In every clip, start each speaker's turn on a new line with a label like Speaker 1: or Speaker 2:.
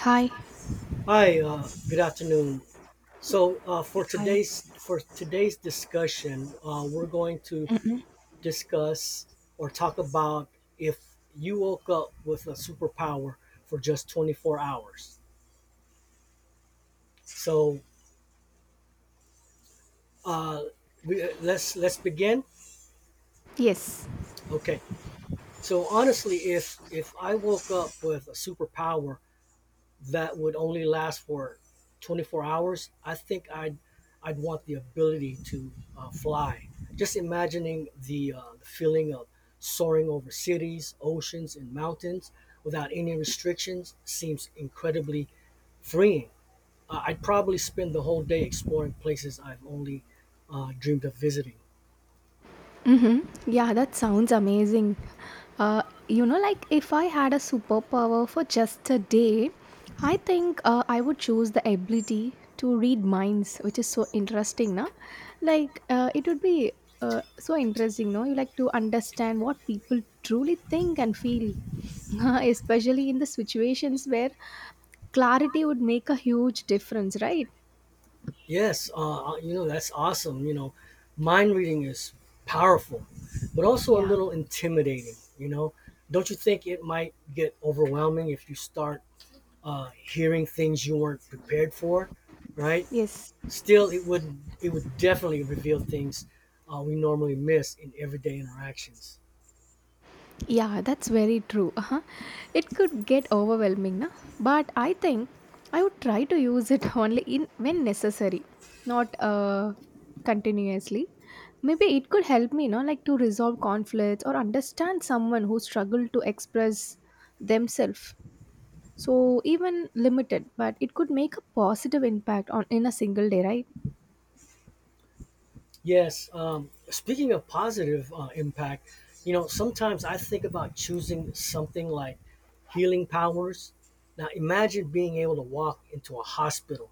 Speaker 1: Hi.
Speaker 2: Hi, good afternoon. So for
Speaker 1: Hi.
Speaker 2: today's for today's discussion, we're going to
Speaker 1: Mm-mm.
Speaker 2: discuss or talk about if you woke up with a superpower for just 24 hours. So uh, let's begin.
Speaker 1: Yes.
Speaker 2: Okay. So honestly, if I woke up with a superpower that would only last for 24 hours, I think I'd want the ability to fly. Just imagining the the feeling of soaring over cities, oceans, and mountains without any restrictions seems incredibly freeing. I'd probably spend the whole day exploring places I've only dreamed of visiting.
Speaker 1: Mm-hmm. Yeah, that sounds amazing. Uh, like if I had a superpower for just a day, I think I would choose the ability to read minds, which is so interesting, na? Like it would be so interesting, no? You like to understand what people truly think and feel, especially in the situations where clarity would make a huge difference, right?
Speaker 2: Yes, you know, that's awesome. You know, mind reading is powerful, but also a
Speaker 1: Yeah.
Speaker 2: little intimidating. You know, don't you think it might get overwhelming if you start hearing things you weren't prepared for, right?
Speaker 1: Yes.
Speaker 2: Still, it would definitely reveal things we normally miss in everyday interactions.
Speaker 1: Yeah, that's very true. Uh-huh. It could get overwhelming, na? But I think I would try to use it only in when necessary, not continuously. Maybe it could help me, no, like to resolve conflicts or understand someone who struggled to express themselves. So even limited, but it could make a positive impact on in a single day, right?
Speaker 2: Yes. Speaking of positive impact, you know, sometimes I think about choosing something like healing powers. Now, imagine being able to walk into a hospital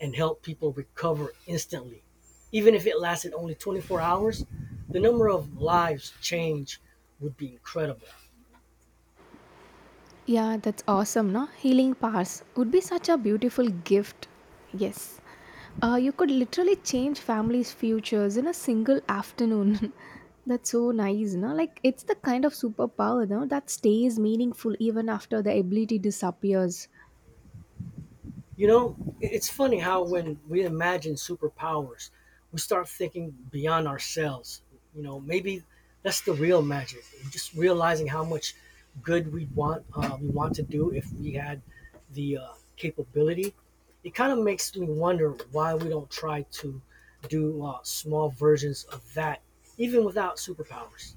Speaker 2: and help people recover instantly. Even if it lasted only 24 hours, the number of lives changed would be incredible.
Speaker 1: Yeah, that's awesome, no? Healing powers would be such a beautiful gift. Yes. You could literally change families' futures in a single afternoon. That's so nice, no? Like, it's the kind of superpower, no, that stays meaningful even after the ability disappears.
Speaker 2: You know, it's funny how when we imagine superpowers, we start thinking beyond ourselves. You know, maybe that's the real magic. Just realizing how much good we want to do if we had the capability. It kind of makes me wonder why we don't try to do small versions of that, even without superpowers.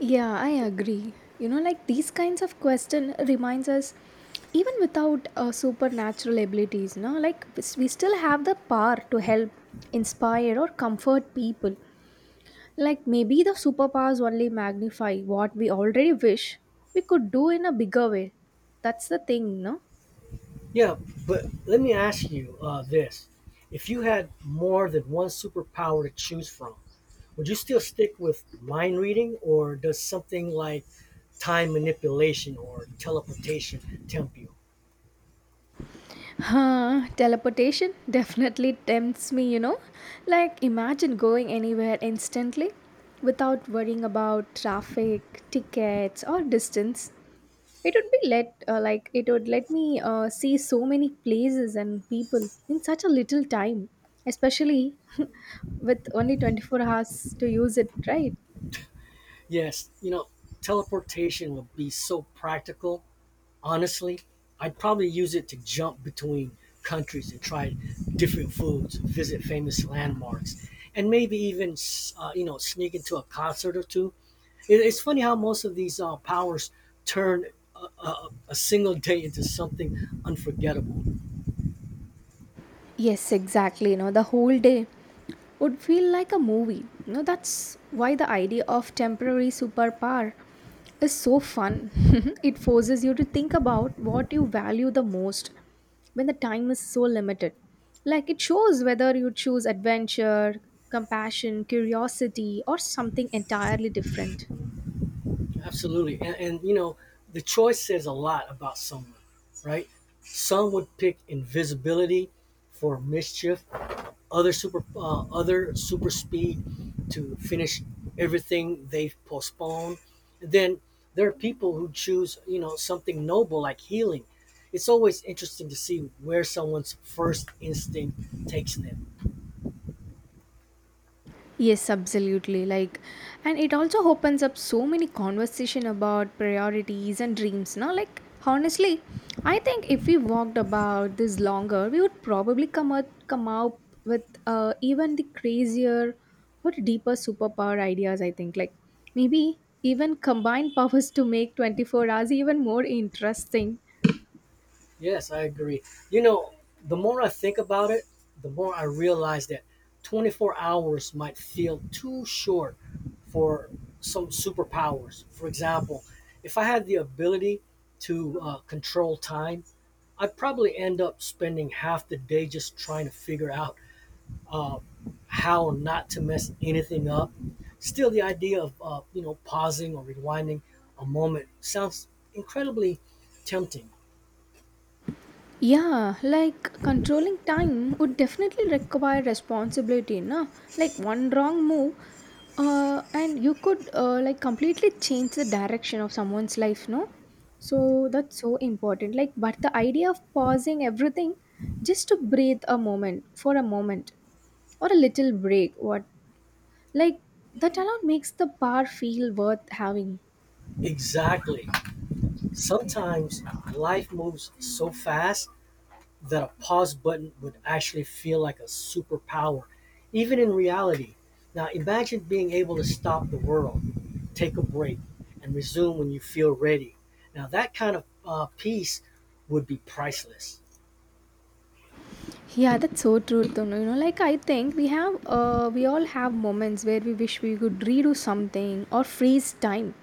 Speaker 1: Yeah, I agree. Like these kinds of question reminds us even without supernatural abilities, no, like we still have the power to help, inspire or comfort people. Like maybe the superpowers only magnify what we already wish we could do in a bigger way. That's the thing, no?
Speaker 2: Yeah, but let me ask you this: if you had more than one superpower to choose from, would you still stick with mind reading, or does something like time manipulation or teleportation tempt you?
Speaker 1: Huh, teleportation definitely tempts me, you know? Like imagine going anywhere instantly without worrying about traffic, tickets or distance. It would be let Like it would let me see so many places and people in such a little time, especially with only 24 hours to use it, right?
Speaker 2: Yes, you know, teleportation would be so practical. Honestly, I'd probably use it to jump between countries and try different foods, visit famous landmarks, and maybe even, you know, sneak into a concert or two. It's funny how most of these powers turn a single day into something unforgettable.
Speaker 1: Yes, exactly. You know, the whole day would feel like a movie. You know, that's why the idea of temporary superpower is so fun. It forces you to think about what you value the most when the time is so limited. Like it shows whether you choose adventure, compassion, curiosity, or something entirely different.
Speaker 2: Absolutely. And you know, the choice says a lot about someone, right? Some would pick invisibility for mischief, other super speed to finish everything they've postponed. Then there are people who choose, you know, something noble like healing. It's always interesting to see where someone's first instinct takes them.
Speaker 1: Yes, absolutely. Like, and it also opens up so many conversation about priorities and dreams. Now, like, honestly, I think if we walked about this longer, we would probably come up with even the crazier or deeper superpower ideas. I think, like, maybe even combine powers to make 24 hours even more interesting.
Speaker 2: Yes, I agree. You know, the more I think about it, the more I realize that 24 hours might feel too short for some superpowers. For example, if I had the ability to control time, I'd probably end up spending half the day just trying to figure out uh, how not to mess anything up. Still, the idea of you know pausing or rewinding a moment sounds incredibly tempting.
Speaker 1: Yeah, like controlling time would definitely require responsibility, no? Like one wrong move, and you could like completely change the direction of someone's life, no? So that's so important. Like, but the idea of pausing everything just to breathe a moment for a moment or a little break, what like that alone makes the bar feel worth having.
Speaker 2: Exactly. Sometimes life moves so fast that a pause button would actually feel like a superpower, even in reality. Now imagine being able to stop the world, take a break, and resume when you feel ready. Now that kind of peace would be priceless.
Speaker 1: Yeah, that's so true, Tunu. Like I think we all have moments where we wish we could redo something or freeze time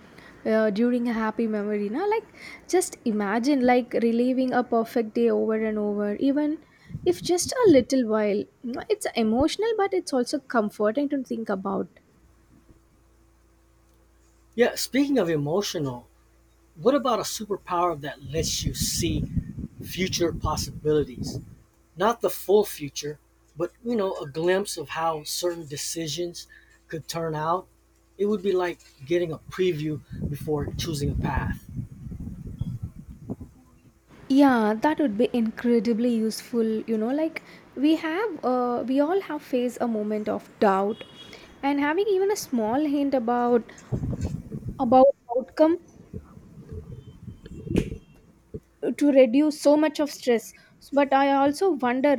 Speaker 1: during a happy memory. Now, like just imagine like reliving a perfect day over and over, even if just a little while. You know, it's emotional, but it's also comforting to think about.
Speaker 2: Yeah, speaking of emotional, what about a superpower that lets you see future possibilities? Not the full future, but you know, a glimpse of how certain decisions could turn out. It would be like getting a preview before choosing a path.
Speaker 1: Yeah, that would be incredibly useful. Like we all have faced a moment of doubt, and having even a small hint about outcome to reduce so much of stress but I also wonder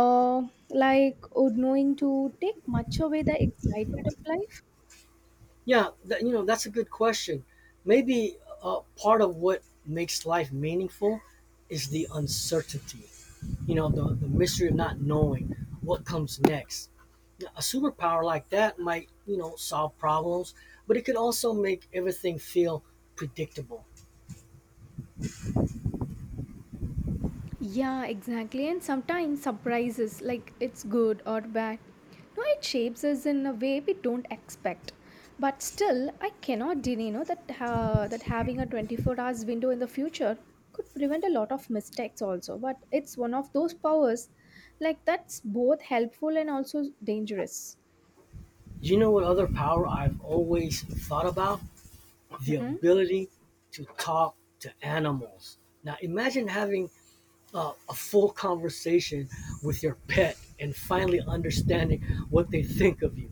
Speaker 1: uh, like would knowing to take much away the excitement of life.
Speaker 2: Yeah, that, you know, that's a good question. Maybe part of what makes life meaningful is the uncertainty. You know, the mystery of not knowing what comes next. Yeah, a superpower like that might, you know, solve problems, but it could also make everything feel predictable.
Speaker 1: Yeah, exactly. And sometimes surprises, like it's good or bad. No, it shapes us in a way we don't expect. But still, I cannot deny you know, that that having a 24 hours window in the future could prevent a lot of mistakes also. But it's one of those powers like that's both helpful and also dangerous.
Speaker 2: You know what other power I've always thought about? The
Speaker 1: Mm-mm.
Speaker 2: ability to talk to animals. Now imagine having a full conversation with your pet and finally understanding what they think of you.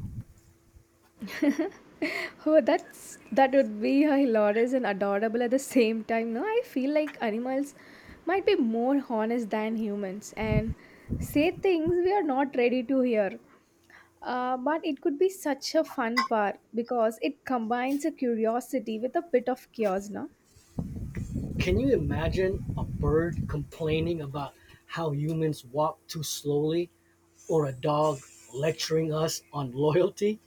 Speaker 1: Oh, that's that would be hilarious and adorable at the same time. No, I feel like animals might be more honest than humans and say things we are not ready to hear. But it could be such a fun part because it combines a curiosity with a bit of chaos, no?
Speaker 2: Can you imagine a bird complaining about how humans walk too slowly, or a dog lecturing us on loyalty?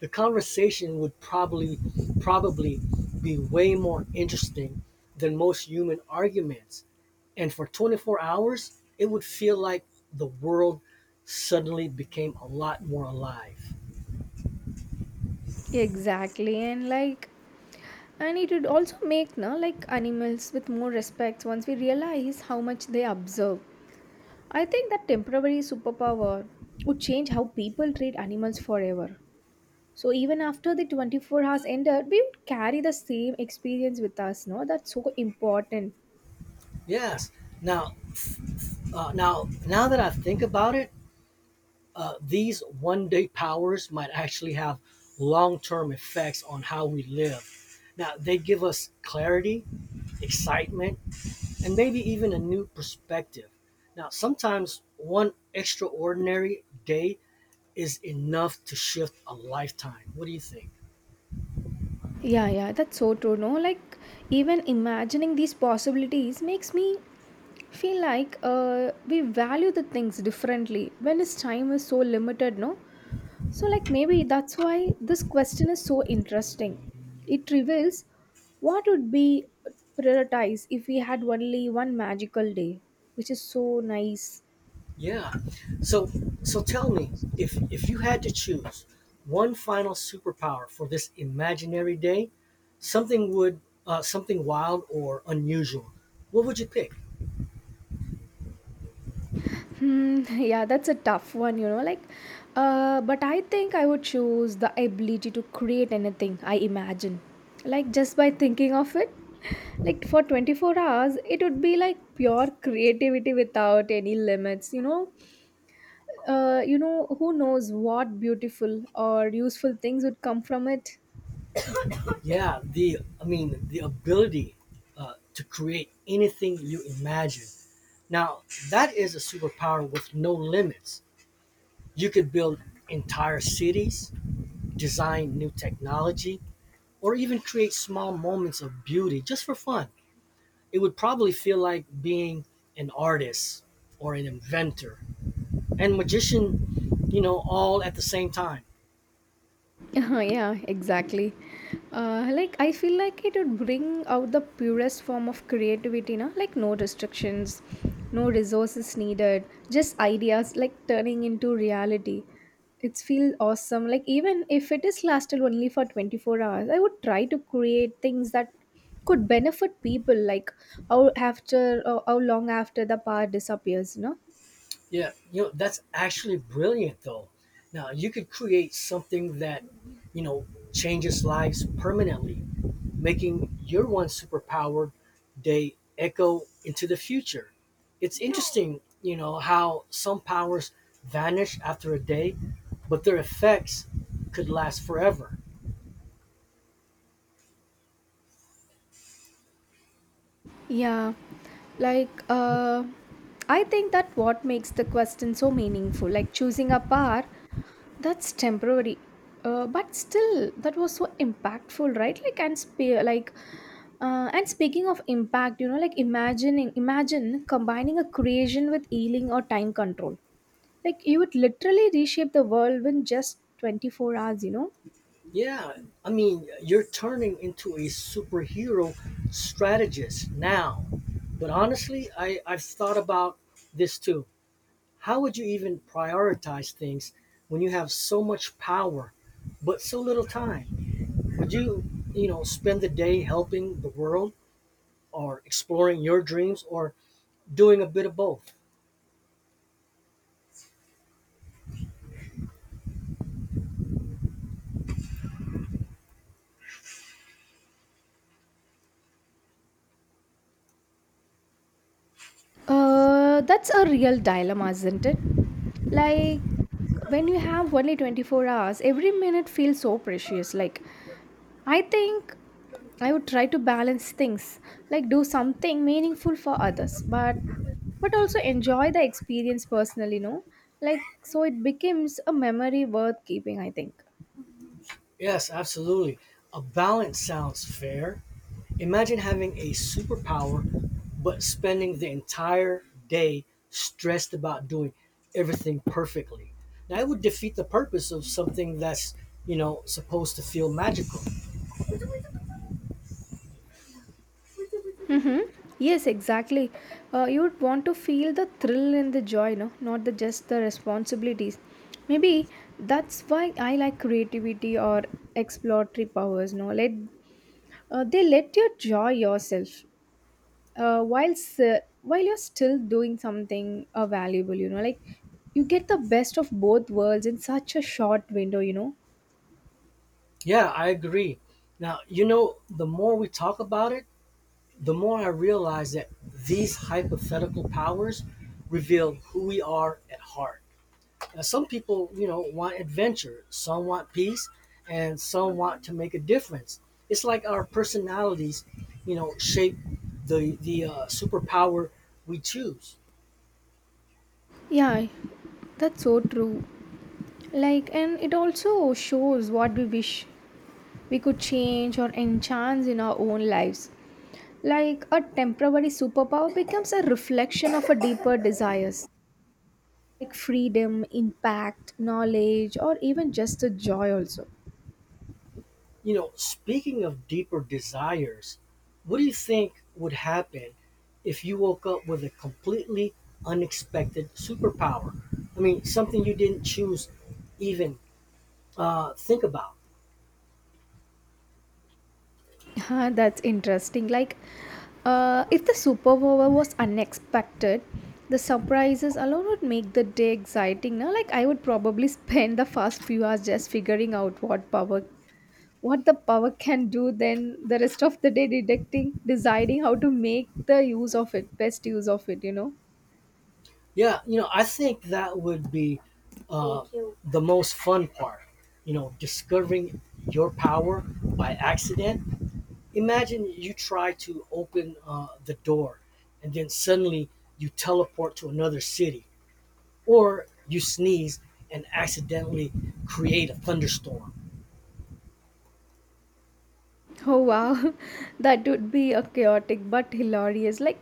Speaker 2: The conversation would probably be way more interesting than most human arguments. And for 24 hours, it would feel like the world suddenly became a lot more alive.
Speaker 1: Exactly, and like, and it would also make no like animals with more respect once we realize how much they observe. I think that temporary superpower would change how people treat animals forever. So even after the 24 hours ended, we would carry the same experience with us, no? That's so important.
Speaker 2: Yes. Now, now that I think about it, these one-day powers might actually have long-term effects on how we live. Now, they give us clarity, excitement, and maybe even a new perspective. Now, sometimes one extraordinary day is enough to shift a lifetime. What do you think?
Speaker 1: Yeah, yeah, that's so true, no? Like even imagining these possibilities makes me feel like we value the things differently when its time is so limited, no? So, like, maybe that's why this question is so interesting. It reveals what would be prioritized if we had only one magical day, which is so nice.
Speaker 2: Yeah. So so tell me, if you had to choose one final superpower for this imaginary day, something would something wild or unusual. What would you pick?
Speaker 1: Hmm, yeah, that's a tough one, you know. Like, but I think I would choose the ability to create anything I imagine. Like, just by thinking of it, like for 24 hours, it would be like pure creativity without any limits, you know, who knows what beautiful or useful things would come from it?
Speaker 2: Yeah, the I mean the ability to create anything you imagine. Now that is a superpower with no limits. You could build entire cities, design new technology, or even create small moments of beauty just for fun. It would probably feel like being an artist or an inventor and magician, you know, all at the same time.
Speaker 1: Yeah, exactly. Like I feel like it would bring out the purest form of creativity, na? Like no restrictions, no resources needed, just ideas like turning into reality. It's feel awesome. Like even if it is lasted only for 24 hours, I would try to create things that could benefit people like how long after the power disappears, you know?
Speaker 2: Yeah, you know, that's actually brilliant though. Now, you could create something that, you know, changes lives permanently, making your one superpowered day echo into the future. It's interesting, you know, how some powers vanish after a day, but their effects could last forever.
Speaker 1: Yeah, like I think that what makes the question so meaningful, like choosing a bar that's temporary, but still that was so impactful, right? And speaking of impact, you know, like imagining imagine combining a creation with healing or time control, like you would literally reshape the world in just 24 hours, you know.
Speaker 2: Yeah, I mean, you're turning into a superhero strategist now. But honestly, I've thought about this too. How would you even prioritize things when you have so much power but so little time? Did you, you know, spend the day helping the world, or exploring your dreams, or doing a bit of both?
Speaker 1: That's a real dilemma, isn't it? Like when you have only 24 hours every minute feels so precious like I think I would try to balance things like do something meaningful for others but also enjoy the experience personally no like so it becomes a memory worth keeping I think.
Speaker 2: Yes, absolutely. A balance sounds fair. Imagine having a superpower but spending the entire day stressed about doing everything perfectly. That would defeat the purpose of something that's, you know, supposed to feel magical.
Speaker 1: Mm-hmm. Yes, exactly. You would want to feel the thrill and the joy, no, not the just the responsibilities. Maybe that's why I like creativity or exploratory powers. No, let they let you enjoy yourself whilst while you're still doing something valuable. You know, like you get the best of both worlds in such a short window. You know.
Speaker 2: Yeah, I agree. Now, you know, the more we talk about it, the more I realize that these hypothetical powers reveal who we are at heart. Now, some people, you know, want adventure, some want peace, and some want to make a difference. It's like our personalities, you know, shape the superpower we choose.
Speaker 1: Yeah, that's so true. Like, and it also shows what we wish we could change or enhance in our own lives. Like a temporary superpower becomes a reflection of a deeper desires, like freedom, impact, knowledge, or even just the joy also.
Speaker 2: You know, speaking of deeper desires, what do you think would happen if you woke up with a completely unexpected superpower? I mean, something you didn't choose even think about.
Speaker 1: Huh, that's interesting. Like, if the superpower was unexpected, the surprises alone would make the day exciting. Now, like, I would probably spend the first few hours just figuring out what power, what the power can do. Then the rest of the day deciding how to make the use of it, best use of it. You know.
Speaker 2: Yeah, you know, I think that would be uh, the most fun part. You know, discovering your power by accident. Imagine you try to open the door and then suddenly you teleport to another city, or you sneeze and accidentally create a thunderstorm.
Speaker 1: Oh wow, that would be a chaotic but hilarious. Like,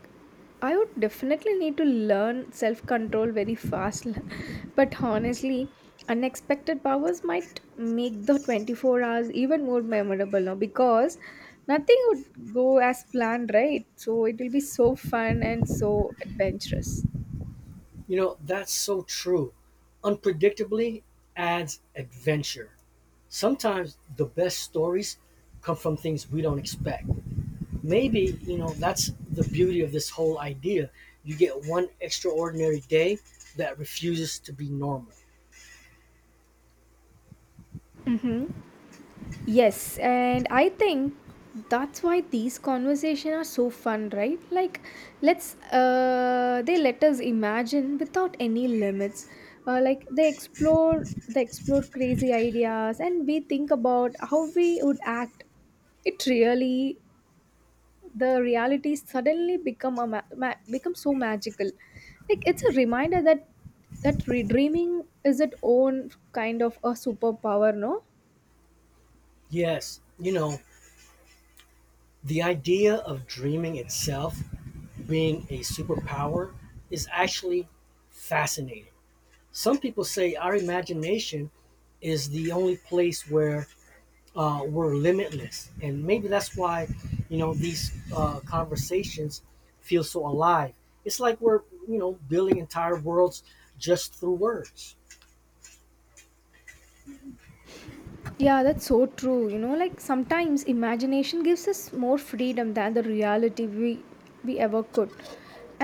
Speaker 1: I would definitely need to learn self control very fast. But honestly, unexpected powers might make the 24 hours even more memorable now because nothing would go as planned, right? So it will be so fun and so adventurous.
Speaker 2: You know, that's so true. Unpredictably adds adventure. Sometimes the best stories come from things we don't expect. Maybe, you know, that's the beauty of this whole idea. You get one extraordinary day that refuses to be normal.
Speaker 1: Mhm. Yes, and I think that's why these conversations are so fun, right? Like, let's they let us imagine without any limits. Like they explore crazy ideas, and we think about how we would act. It really, the reality suddenly become a become so magical. Like it's a reminder that redreaming is its own kind of a superpower, no?
Speaker 2: Yes, you know, the idea of dreaming itself being a superpower is actually fascinating. Some people say our imagination is the only place where we're limitless, and maybe that's why you know these conversations feel so alive. It's like we're you know building entire worlds just through words.
Speaker 1: Yeah, that's so true. You know, like sometimes imagination gives us more freedom than the reality we ever could.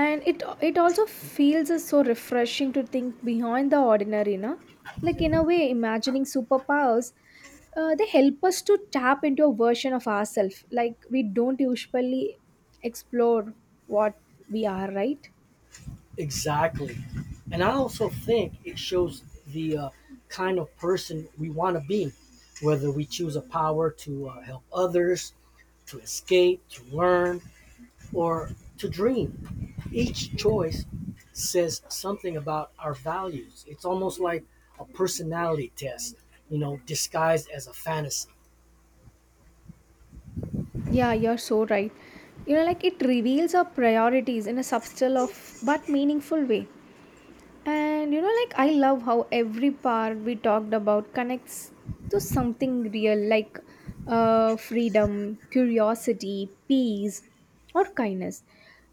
Speaker 1: And it also feels us so refreshing to think beyond the ordinary, no? Like in a way, imagining superpowers, they help us to tap into a version of ourselves like we don't usually explore what we are, right?
Speaker 2: Exactly, and I also think it shows the kind of person we want to be, whether we choose a power to help others, to escape, to learn, or to dream. Each choice says something about our values. It's almost like a personality test, you know, disguised as a fantasy.
Speaker 1: Yeah, you're so right. You know, like it reveals our priorities in a subtle of but meaningful way. And you know, like I love how every part we talked about connects to something real, like freedom, curiosity, peace, or kindness.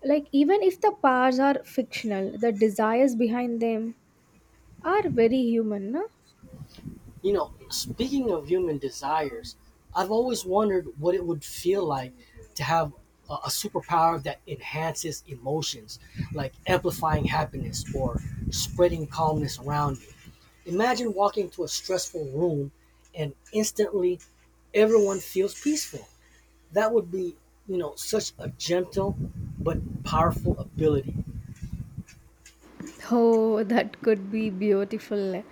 Speaker 1: Like, even if the powers are fictional, the desires behind them are very human. No?
Speaker 2: You know, speaking of human desires, I've always wondered what it would feel like to have a superpower that enhances emotions, like amplifying happiness or spreading calmness around you. Imagine walking to a stressful room and instantly everyone feels peaceful. That would be you know such a gentle but powerful ability.
Speaker 1: Oh, that could be beautiful.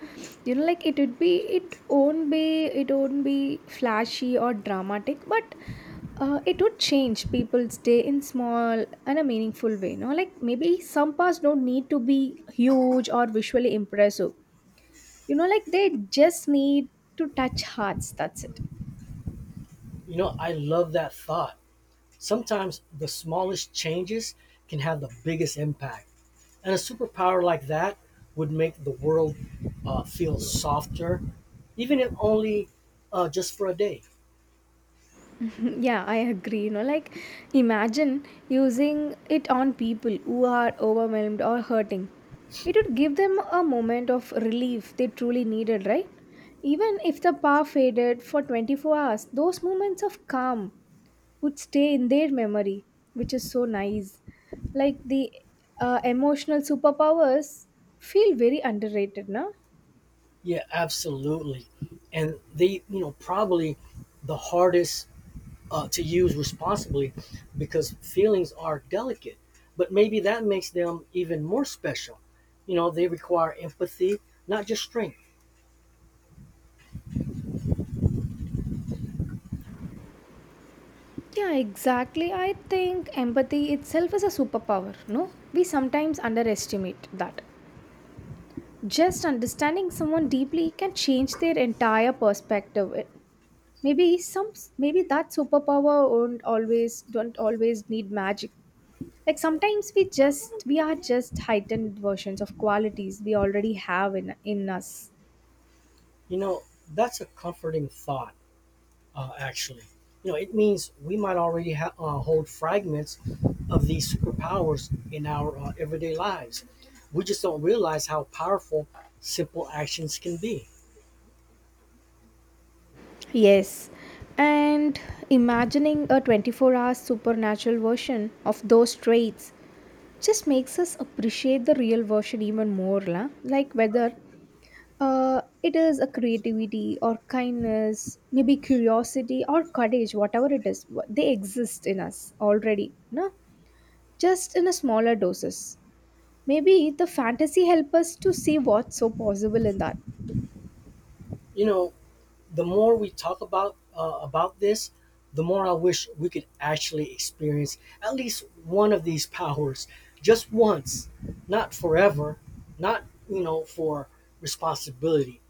Speaker 1: You know, like it won't be flashy or dramatic, but it would change people's day in small and a meaningful way. No, like maybe some parts don't need to be huge or visually impressive. You know, like they just need to touch hearts. That's it.
Speaker 2: You know I love that thought. Sometimes the smallest changes can have the biggest impact, and a superpower like that would make the world feel softer, even if only just for a day.
Speaker 1: Yeah, I agree. You know, like imagine using it on people who are overwhelmed or hurting. It would give them a moment of relief they truly needed, right? Even if the power faded for 24 hours, those moments of calm would stay in their memory, which is so nice. Like the emotional superpowers feel very underrated, na?
Speaker 2: Yeah, absolutely. And they you know probably the hardest to use responsibly, because feelings are delicate. But maybe that makes them even more special. You know, they require empathy, not just strength.
Speaker 1: Yeah, exactly. I think empathy itself is a superpower, no? We sometimes underestimate that. Just understanding someone deeply can change their entire perspective. It- Maybe some maybe that superpower won't always don't always need magic. Like sometimes we are just heightened versions of qualities we already have in us.
Speaker 2: You know, that's a comforting thought, actually. You know, it means we might already hold fragments of these superpowers in our everyday lives. We just don't realize how powerful simple actions can be.
Speaker 1: Yes. And imagining a 24-hour supernatural version of those traits just makes us appreciate the real version even more la? Like whether it is a creativity or kindness, maybe curiosity or courage, whatever it is, they exist in us already, no, just in a smaller doses. Maybe the fantasy help us to see what's so possible in that.
Speaker 2: You know, the more we talk about this, the more I wish we could actually experience at least one of these powers, just once, not forever, not you know for responsibility,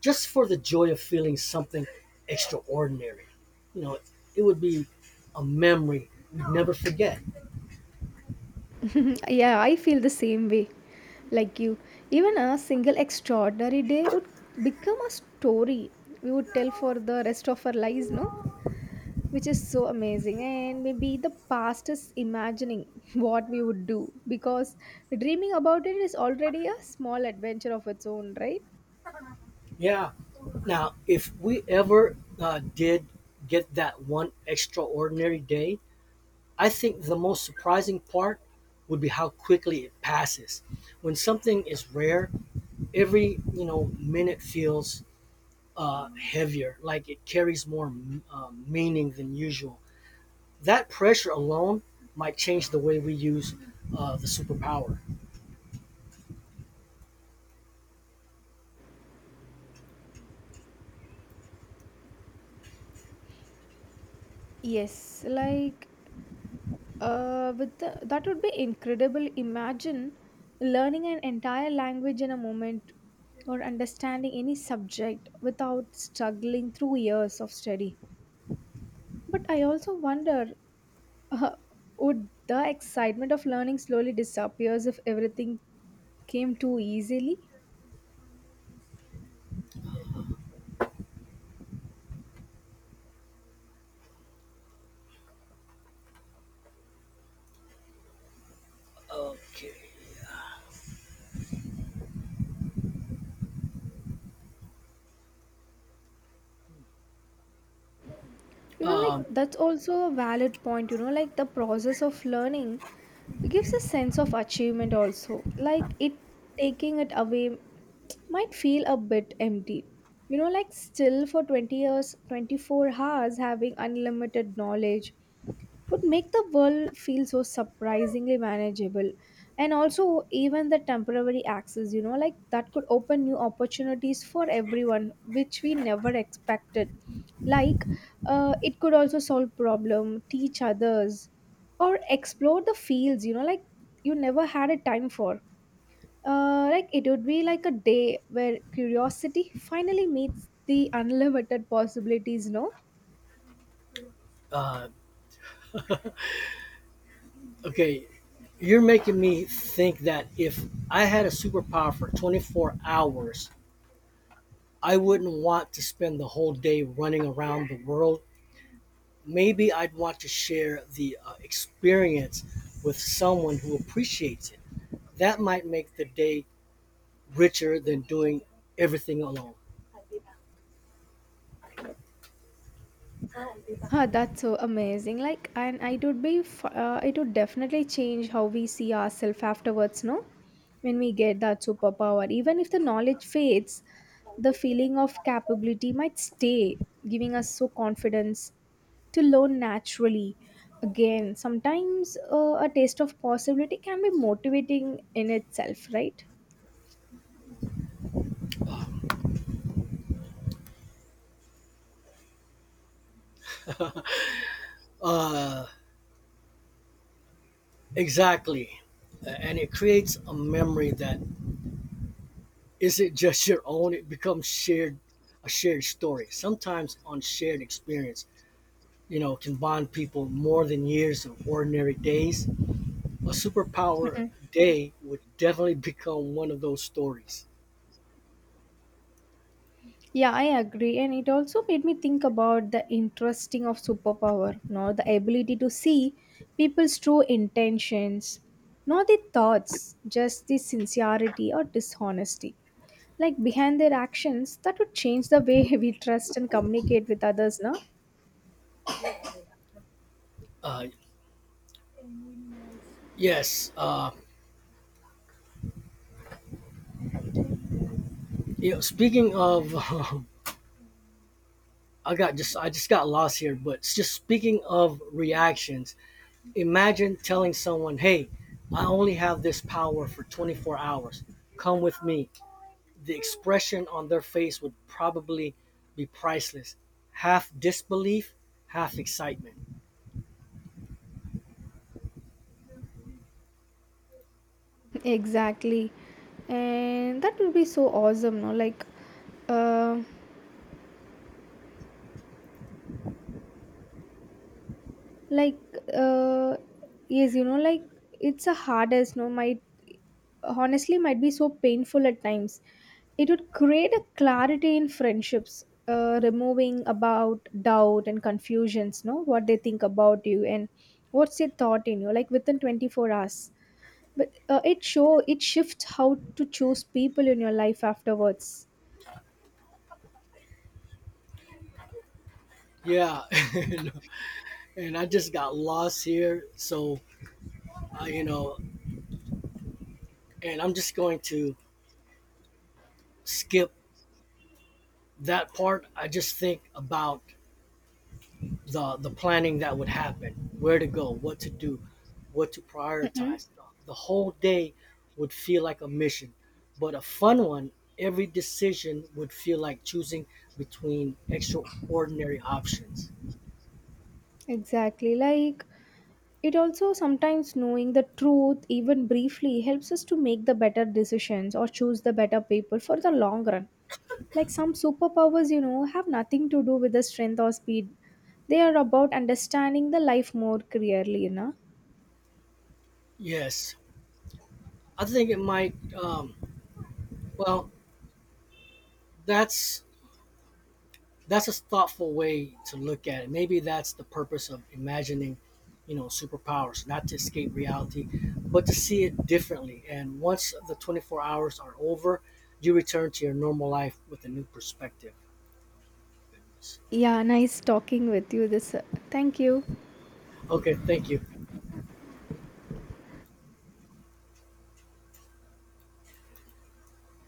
Speaker 2: just for the joy of feeling something extraordinary. You know, it would be a memory we'd never forget.
Speaker 1: Yeah, I feel the same way, like you. Even a single extraordinary day would become a story we would tell for the rest of our lives, no, which is so amazing. And maybe the past is imagining what we would do, because dreaming about it is already a small adventure of its own, right?
Speaker 2: Yeah. Now, if we ever did get that one extraordinary day, I think the most surprising part would be how quickly it passes. When something is rare, every you know minute feels heavier, like it carries more meaning than usual. That pressure alone might change the way we use the superpower.
Speaker 1: Yes, like that would be incredible. Imagine learning an entire language in a moment, or understanding any subject without struggling through years of study. But I also wonder, uh, would the excitement of learning slowly disappears if everything came too easily?
Speaker 2: Okay.
Speaker 1: You know, like
Speaker 2: Um,
Speaker 1: that's also a valid point. You know, like the process of learning gives a sense of achievement also, like it taking it away might feel a bit empty. You know, like still for 20 years, 24 hours having unlimited knowledge would make the world feel so surprisingly manageable. And also even the temporary access, you know, like that could open new opportunities for everyone which we never expected. Like it could also solve problem, teach others, or explore the fields, you know, like you never had a time for. Like it would be like a day where curiosity finally meets the unlimited possibilities, no?
Speaker 2: uh, okay. You're making me think that if I had a superpower for 24 hours, I wouldn't want to spend the whole day running around the world. Maybe I'd want to share the experience with someone who appreciates it. That might make the day richer than doing everything alone.
Speaker 1: Huh, that's so amazing. Like, and it would be, it would definitely change how we see ourselves afterwards, no? When we get that superpower. Even if the knowledge fades, the feeling of capability might stay, giving us so confidence to learn naturally. Again, sometimes a taste of possibility can be motivating in itself, right?
Speaker 2: Uh, exactly. And it creates a memory that isn't just your own, it becomes shared a shared story. Sometimes on shared experience, you know, can bond people more than years of ordinary days. A superpower day would definitely become one of those stories.
Speaker 1: Yeah, I agree. And it also made me think about the interesting of superpower, no, the ability to see people's true intentions, not the thoughts, just the sincerity or dishonesty. Like behind their actions, that would change the way we trust and communicate with others, no?
Speaker 2: Uh, yes, uh, You know, speaking of, I just got lost here, but just speaking of reactions, imagine telling someone, "Hey, I only have this power for 24 hours. Come with me." The expression on their face would probably be priceless. Half disbelief, half excitement.
Speaker 1: Exactly. And that would be so awesome, no? Um like uh yes, you know, like it's a hardest, no, might honestly might be so painful at times. It would create a clarity in friendships, removing about doubt and confusions, no, what they think about you and what's their thought in you, like within 24 hours. But it shifts how to choose people in your life afterwards.
Speaker 2: Yeah, and, and I just got lost here, so I, you know, and I'm just going to skip that part. I just think about the planning that would happen, where to go, what to do, what to
Speaker 1: Mm-mm.
Speaker 2: prioritize. The whole day would feel like a mission, but a fun one. Every decision would feel like choosing between extraordinary options.
Speaker 1: Exactly. Like it also sometimes knowing the truth, even briefly, helps us to make the better decisions or choose the better people for the long run. Like some superpowers, you know, have nothing to do with the strength or speed. They are about understanding the life more clearly, you know.
Speaker 2: Yes, I think it might. Um, well, that's that's a thoughtful way to look at it. Maybe that's the purpose of imagining, you know, superpowers, not to escape reality, but to see it differently. And once the 24 hours are over, you return to your normal life with a new perspective. Goodness.
Speaker 1: Yeah, nice talking with you. This, thank you.
Speaker 2: Okay, thank you.